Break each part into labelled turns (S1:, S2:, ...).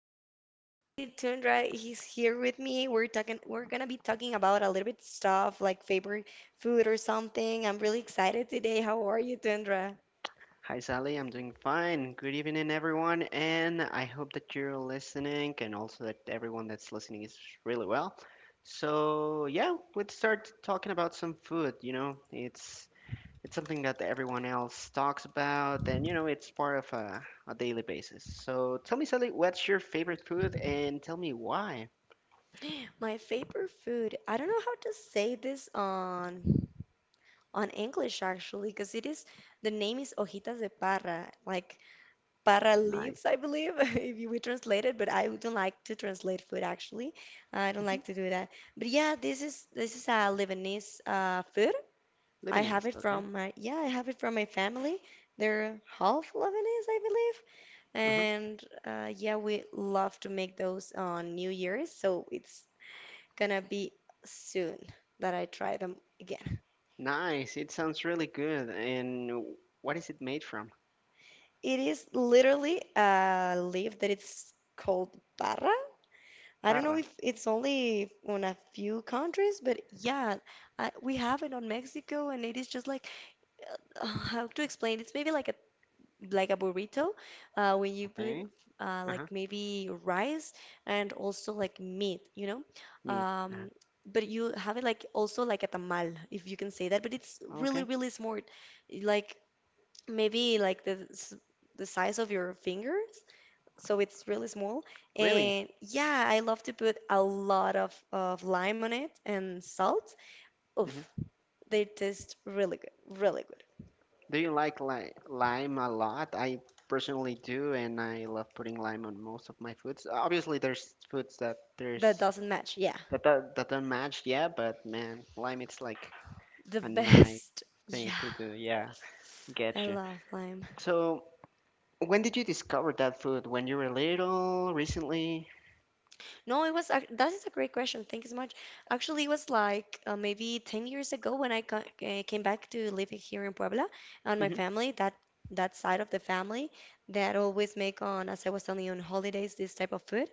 S1: guys, this is Sally. Tundra he's here with me. We're gonna be talking about a little bit stuff like favorite food or something. I'm really excited today. How are you, Tundra?
S2: Hi, Sally. I'm doing fine. Good evening, everyone. And I hope that you're listening and also that everyone that's listening is really well. So, yeah, let's start talking about some food. It's it's something that everyone else talks about, and it's part of a daily basis. So, tell me, Sally, what's your favorite food and tell me why?
S1: My favorite food. I don't know how to say this on English actually, because it is the name is hojitas de parra. Like para leaves,
S2: Nice.
S1: I believe, if you would translate it, but I don't like to translate food actually. I don't
S2: Hmm
S1: like to do that. But yeah, this is a Lebanese food.
S2: Lebanese, okay.
S1: I have it from my family. They're half Lebanese, I believe.
S2: Uh-huh.
S1: And yeah, we love to make those on New Year's, so it's gonna be soon that I try them again.
S2: Nice. It sounds really good. And what is it made from?
S1: It is literally a leaf that it's called barra. I don't know
S2: Parra,
S1: if it's only on a few countries, but yeah, we have it on Mexico, and it is just like how to explain? It's maybe like a burrito, when you put
S2: okay.
S1: like
S2: Uh-huh.
S1: maybe rice and also like meat, you know.
S2: Meat.
S1: Um, but you have it like also like a tamal, if you can say that. But it's
S2: Okay.
S1: really small, like maybe like the size of your fingers, so it's really small.
S2: Really?
S1: And yeah, I love to put a lot of lime on it and salt. Oof,
S2: Hmm
S1: they taste really good, really good.
S2: Do you like lime a lot? I personally do, and I love putting lime on most of my foods. Obviously, there's foods that
S1: That
S2: there's
S1: doesn't match, yeah.
S2: that don't match, yeah, but man, lime it's like
S1: The
S2: a nice
S1: best.
S2: thing
S1: Yeah,
S2: to do. Yeah, get
S1: I
S2: you.
S1: love lime.
S2: So, when did you discover that food? When you were little? Recently?
S1: No, that is a great question. Thank you so much. Actually, it was like maybe 10 years ago when I co came back to living here in Puebla and my
S2: Hmm
S1: family, that side of the family that always make on, as I was telling you, on holidays, this type of food.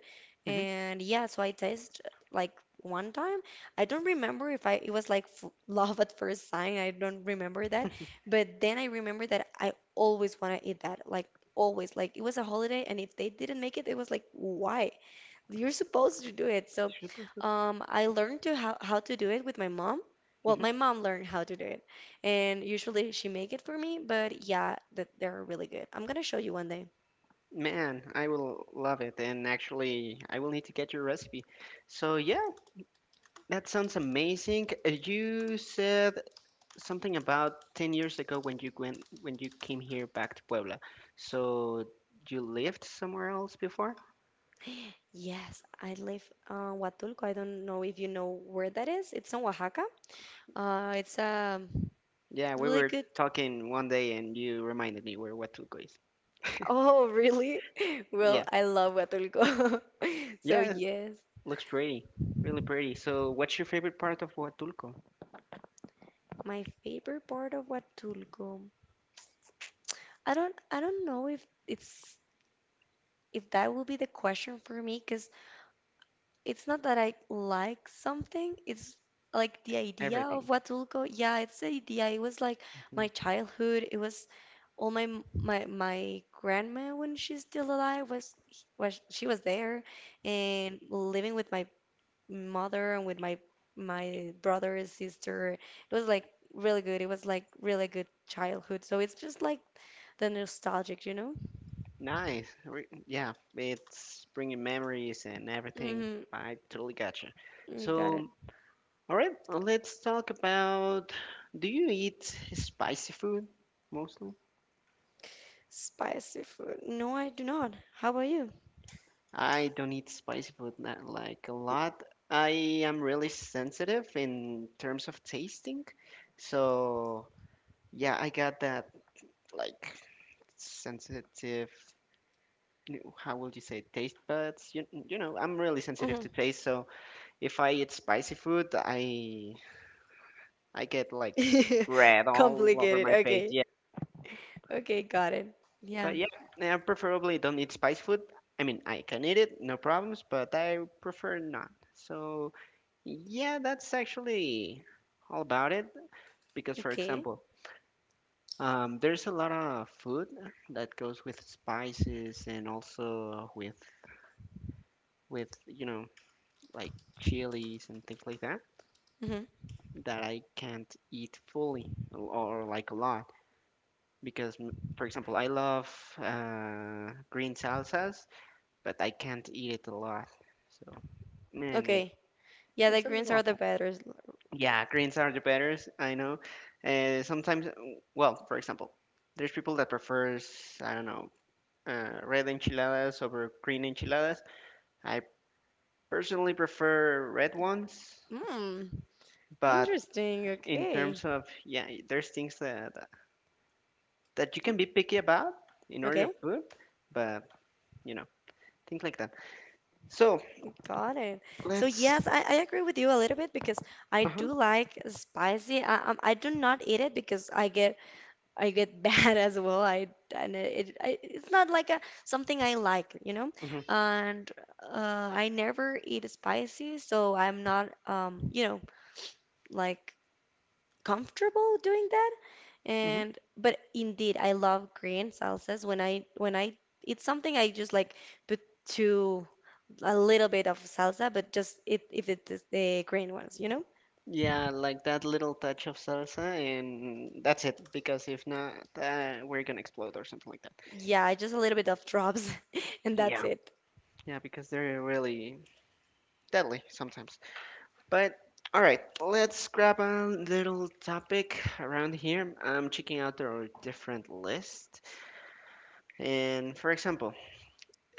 S2: hmm
S1: And yeah, so I taste like one time. I don't remember if I it was like f love at first sight. I don't remember that. But then I remember that I always want to eat that. Like always. Like it was a holiday and if they didn't make it, it was like why? You're supposed to do it. So,
S2: Super food.
S1: I learned how to do it with my mom. Well,
S2: Hmm
S1: my mom learned how to do it, and usually she make it for me. But yeah, that they're really good. I'm gonna show you one day.
S2: Man, I will love it, and actually, I will need to get your recipe. So yeah, that sounds amazing. You said something about 10 years ago when you went when you came here back to Puebla. So you lived somewhere else before?
S1: Yes, I live Huatulco. I don't know if you know where that is. It's in Oaxaca. It's
S2: Yeah, we
S1: really
S2: were
S1: good.
S2: talking one day and you reminded me where Huatulco is.
S1: Oh, really? Well,
S2: Yeah.
S1: I love Huatulco. So
S2: Yeah, it
S1: yes,
S2: looks pretty. Really pretty. So what's your favorite part of Huatulco?
S1: my favorite part of Huatulco. I don't know if it's if that would be the question for me, because it's not that I like something, it's like the idea of
S2: Everything.
S1: Huatulco. Yeah, it's the idea. It was like
S2: Hmm
S1: my childhood. It was all my grandma when she's still alive was she was there and living with my mother and with my brother and sister. It was like really good. It was like really good childhood. So it's just like the nostalgic, you know?
S2: Nice. Yeah, it's bringing memories and everything.
S1: Mm-hmm.
S2: I totally gotcha.
S1: You got it.
S2: So all right, let's talk about do you eat spicy food mostly?
S1: Spicy food. No, I do not. How about you?
S2: I don't eat spicy food, not like a lot. I am really sensitive in terms of tasting. So, yeah, I got that like sensitive how would you say, taste buds, you know, I'm really sensitive
S1: hmm
S2: to taste. So if I eat spicy food, I get like red all over
S1: Complicated.
S2: my face.
S1: Okay.
S2: Yeah.
S1: Okay, got it. Yeah.
S2: But yeah, I preferably don't eat spice food. I mean, I can eat it, no problems, but I prefer not. So yeah, that's actually all about it. Because for
S1: Okay.
S2: example, there's a lot of food that goes with spices and also with like chilies and things like that
S1: hmm
S2: that I can't eat fully or like a lot because for example I love green salsas but I can't eat it a lot. So, man, it,
S1: Okay. Yeah, the
S2: it's a
S1: greens
S2: little
S1: are the
S2: awful.
S1: better.
S2: Yeah, greens are the better. I know. Uh, sometimes, uh, well, for example, there's people that prefers, I don't know, red enchiladas over green enchiladas. I personally prefer red ones,
S1: Hmm.
S2: but
S1: Interesting.
S2: in
S1: Okay.
S2: terms of, yeah, there's things that you can be picky about in order of
S1: Okay.
S2: food, but you know, things like that. So
S1: Got it. So
S2: let's.
S1: yes, I agree with you a little bit because I
S2: Uh-huh,
S1: do like spicy. I do not eat it because I get bad as well. I and it, I, it's not like a something I like, you know.
S2: mhm,
S1: And I never eat spicy, so I'm not you know, like comfortable doing that.
S2: mhm.
S1: And but indeed, I love green salsas. When I eat something, I just like put to a little bit of salsa, but just it if it's the green ones, you know.
S2: Yeah, like that little touch of salsa, and that's it. Because if not, we're gonna explode or something like that.
S1: Yeah, just a little bit of drops, and that's
S2: Yeah,
S1: it.
S2: yeah, because they're really deadly sometimes. But all right, let's grab a little topic around here. I'm checking out our different list, and for example,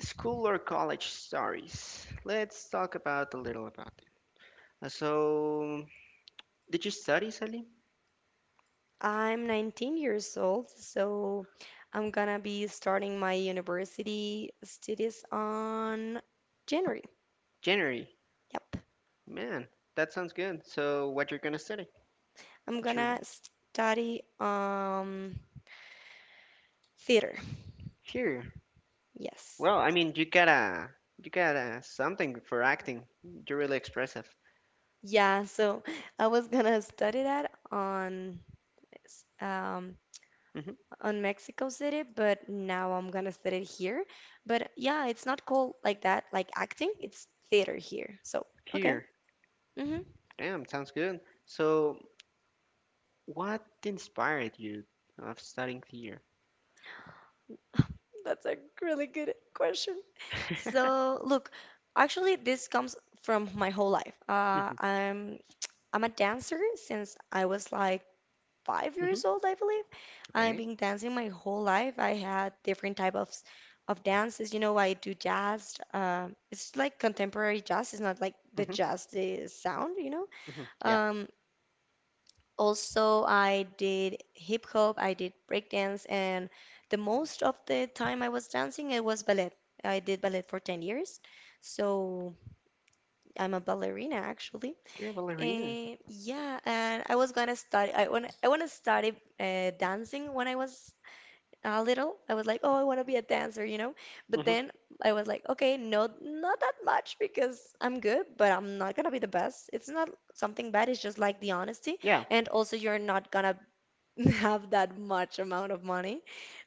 S2: school or college stories. Let's talk about a little about it. So, did you study, Sally?
S1: I'm 19 years old, so I'm gonna be starting my university studies on January.
S2: January,
S1: Yep.
S2: man, that sounds good. So, what you're gonna study?
S1: I'm
S2: What's your
S1: gonna study theater.
S2: sure.
S1: Yes.
S2: Well, I mean, you got a something for acting. You're really expressive.
S1: Yeah, so I was gonna study that um
S2: Hmm
S1: on Mexico City, but now I'm gonna study it here. But yeah, it's not called like that, like acting. It's theater here. So, okay.
S2: Here.
S1: Mm-hmm.
S2: Damn, sounds good. So, what inspired you of studying theater?
S1: That's a really good question. So, look, actually, this comes from my whole life.
S2: Hmm
S1: I'm a dancer since I was like five years
S2: hmm
S1: old, I believe. I've
S2: Okay.
S1: been dancing my whole life. I had different type of of dances. You know, I do jazz. It's like contemporary jazz. It's not like the
S2: hmm
S1: jazz, the sound, you know.
S2: hmm Yeah.
S1: Um, also, I did hip hop, I did breakdance, and the most of the time I was dancing, it was ballet. I did ballet for 10 years, so I'm a ballerina actually.
S2: You're a ballerina.
S1: And yeah, and I was gonna study. I want to study dancing when I was little. I was like, oh, I want to be a dancer, you know. But
S2: Hmm
S1: then I was like, okay, no, not that much because I'm good, but I'm not gonna be the best. It's not something bad. It's just like the honesty,
S2: Yeah.
S1: and also you're not gonna have that much amount of money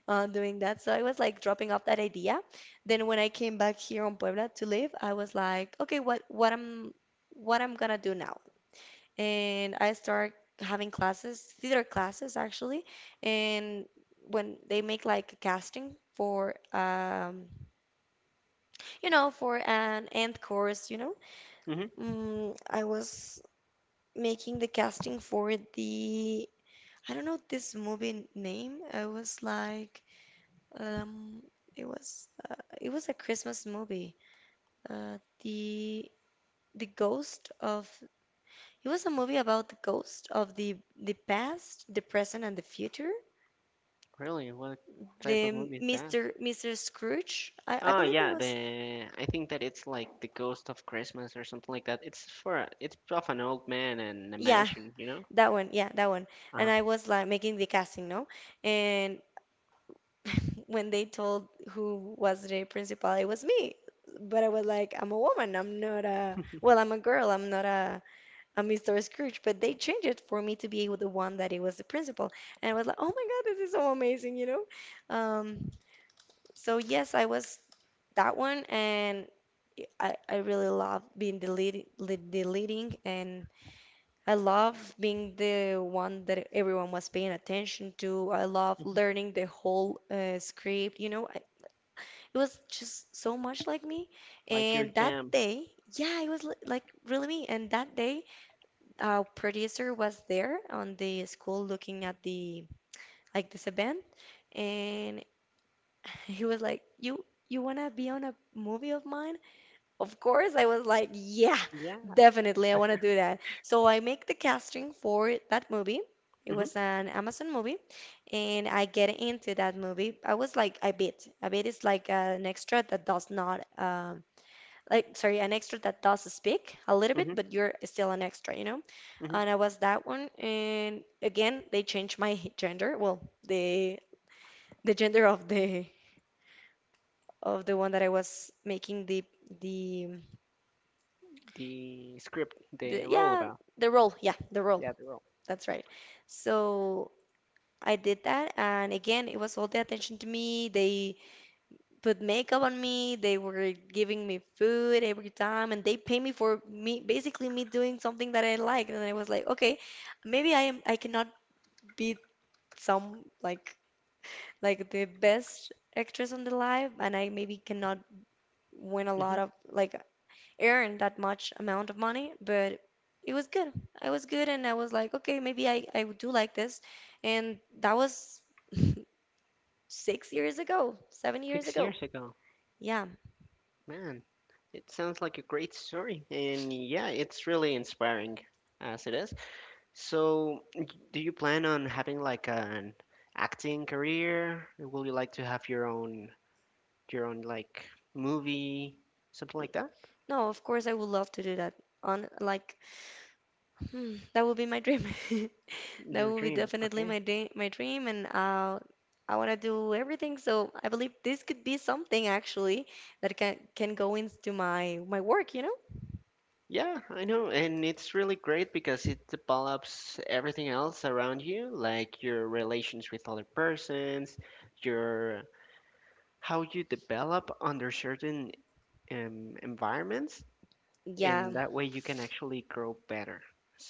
S1: on doing that. So I was like dropping off that idea. Then when I came back here on Puebla to live, I was like, okay, what I'm gonna do now? And I start having classes, theater classes actually. And when they make like a casting for you know for an end course, you know,
S2: hmm
S1: I was making the casting for the I don't know this movie name. I was like. Um, it was uh, it was a Christmas movie. Uh, the the ghost of it was a movie about the ghost of the past, the present, and the future.
S2: Really? What type of
S1: The
S2: movie is that?
S1: Mr. Scrooge, I
S2: Oh
S1: believe it
S2: yeah,
S1: was.
S2: the I think that it's like the Ghost of Christmas or something like that. It's for a, it's of an old man and a
S1: Yeah,
S2: mansion, you know?
S1: that one. Yeah, that one. And
S2: Uh-huh.
S1: I was like making the casting, no? And when they told who was the principal, it was me. But I was like, I'm a woman. I'm a girl. I'm not a Mr. Scrooge, but they changed it for me to be the one that it was the principal. And I was like, oh my God, this is so amazing, you know? Um, so yes, I was that one, and I really love being lead, the leading, and I love being the one that everyone was paying attention to. I love
S2: hmm
S1: learning the whole script, you know? It was just so much like me.
S2: Like your
S1: And that
S2: jam.
S1: day, yeah, it was like really me. And that day, our producer was there on the school looking at the like this event, and he was like, You wanna be on a movie of mine?" Of course, I was like, "Yeah,
S2: Yeah.
S1: definitely, I wanna do that." So I make the casting for that movie. It was
S2: hmm
S1: an Amazon movie, and I get into that movie. I was like I bit. A bit is like an extra that does not sorry an extra that does speak a little
S2: hmm
S1: bit but you're still an extra you know
S2: hmm
S1: and I was that one and again they changed my gender, well the gender of the one that I was making the,
S2: The script, the
S1: the
S2: role
S1: yeah
S2: about.
S1: the role, yeah the role,
S2: Yeah, the role.
S1: that's right, so I did that and again it was all the attention to me. They put makeup on me. They were giving me food every time, and they pay me for me basically me doing something that I like. And I was like, okay, maybe I am I cannot be some like the best actress on the live, and I maybe cannot win a lot
S2: Hmm
S1: of like earn that much amount of money, but it was good. I was good, and I was like, okay, maybe I do like this, and that was six years ago, seven years
S2: Six
S1: ago.
S2: years ago.
S1: Yeah.
S2: Man, it sounds like a great story. And yeah, it's really inspiring as it is. So, do you plan on having like an acting career? Will you like to have your own, like movie, something like that?
S1: No, of course I would love to do that. On like, hmm, that would be my dream. That
S2: Your
S1: would be
S2: dream.
S1: definitely
S2: Okay.
S1: my dream, and I want to do everything. So I believe this could be something actually that can go into my work, you know?
S2: Yeah, I know, and it's really great because it develops everything else around you, like your relations with other persons, your how you develop under certain environments,
S1: Yeah.
S2: and that way you can actually grow better.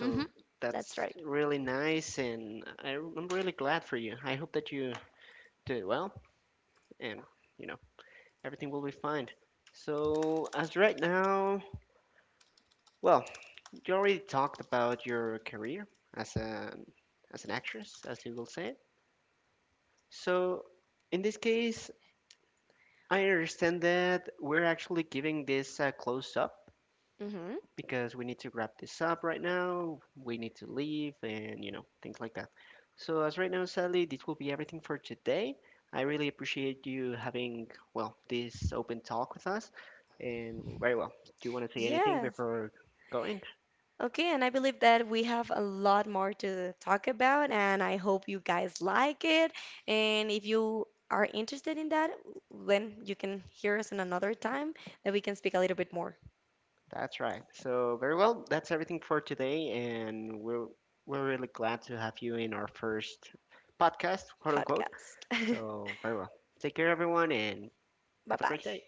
S1: Mm-hmm. That's
S2: that's
S1: right.
S2: really nice, and I'm really glad for you. I hope that you do well, and you know everything will be fine. So as right now. Well, you already talked about your career as a as an actress, as you will say. So, in this case, I understand that we're actually giving this a close up
S1: Mm-hmm.
S2: because we need to wrap this up right now. We need to leave and, you know, things like that. So, as right now, sadly, this will be everything for today. I really appreciate you having, well, this open talk with us. And very well. Do you want to say anything
S1: Yes.
S2: before going?
S1: Okay, and I believe that we have a lot more to talk about, and I hope you guys like it. And if you are interested in that, then you can hear us in another time that we can speak a little bit more
S2: That's right. So very well, that's everything for today, and we're really glad to have you in our first podcast, quote unquote.
S1: podcast.
S2: So very well. Take care, everyone, and
S1: Bye
S2: have a great
S1: bye.
S2: day.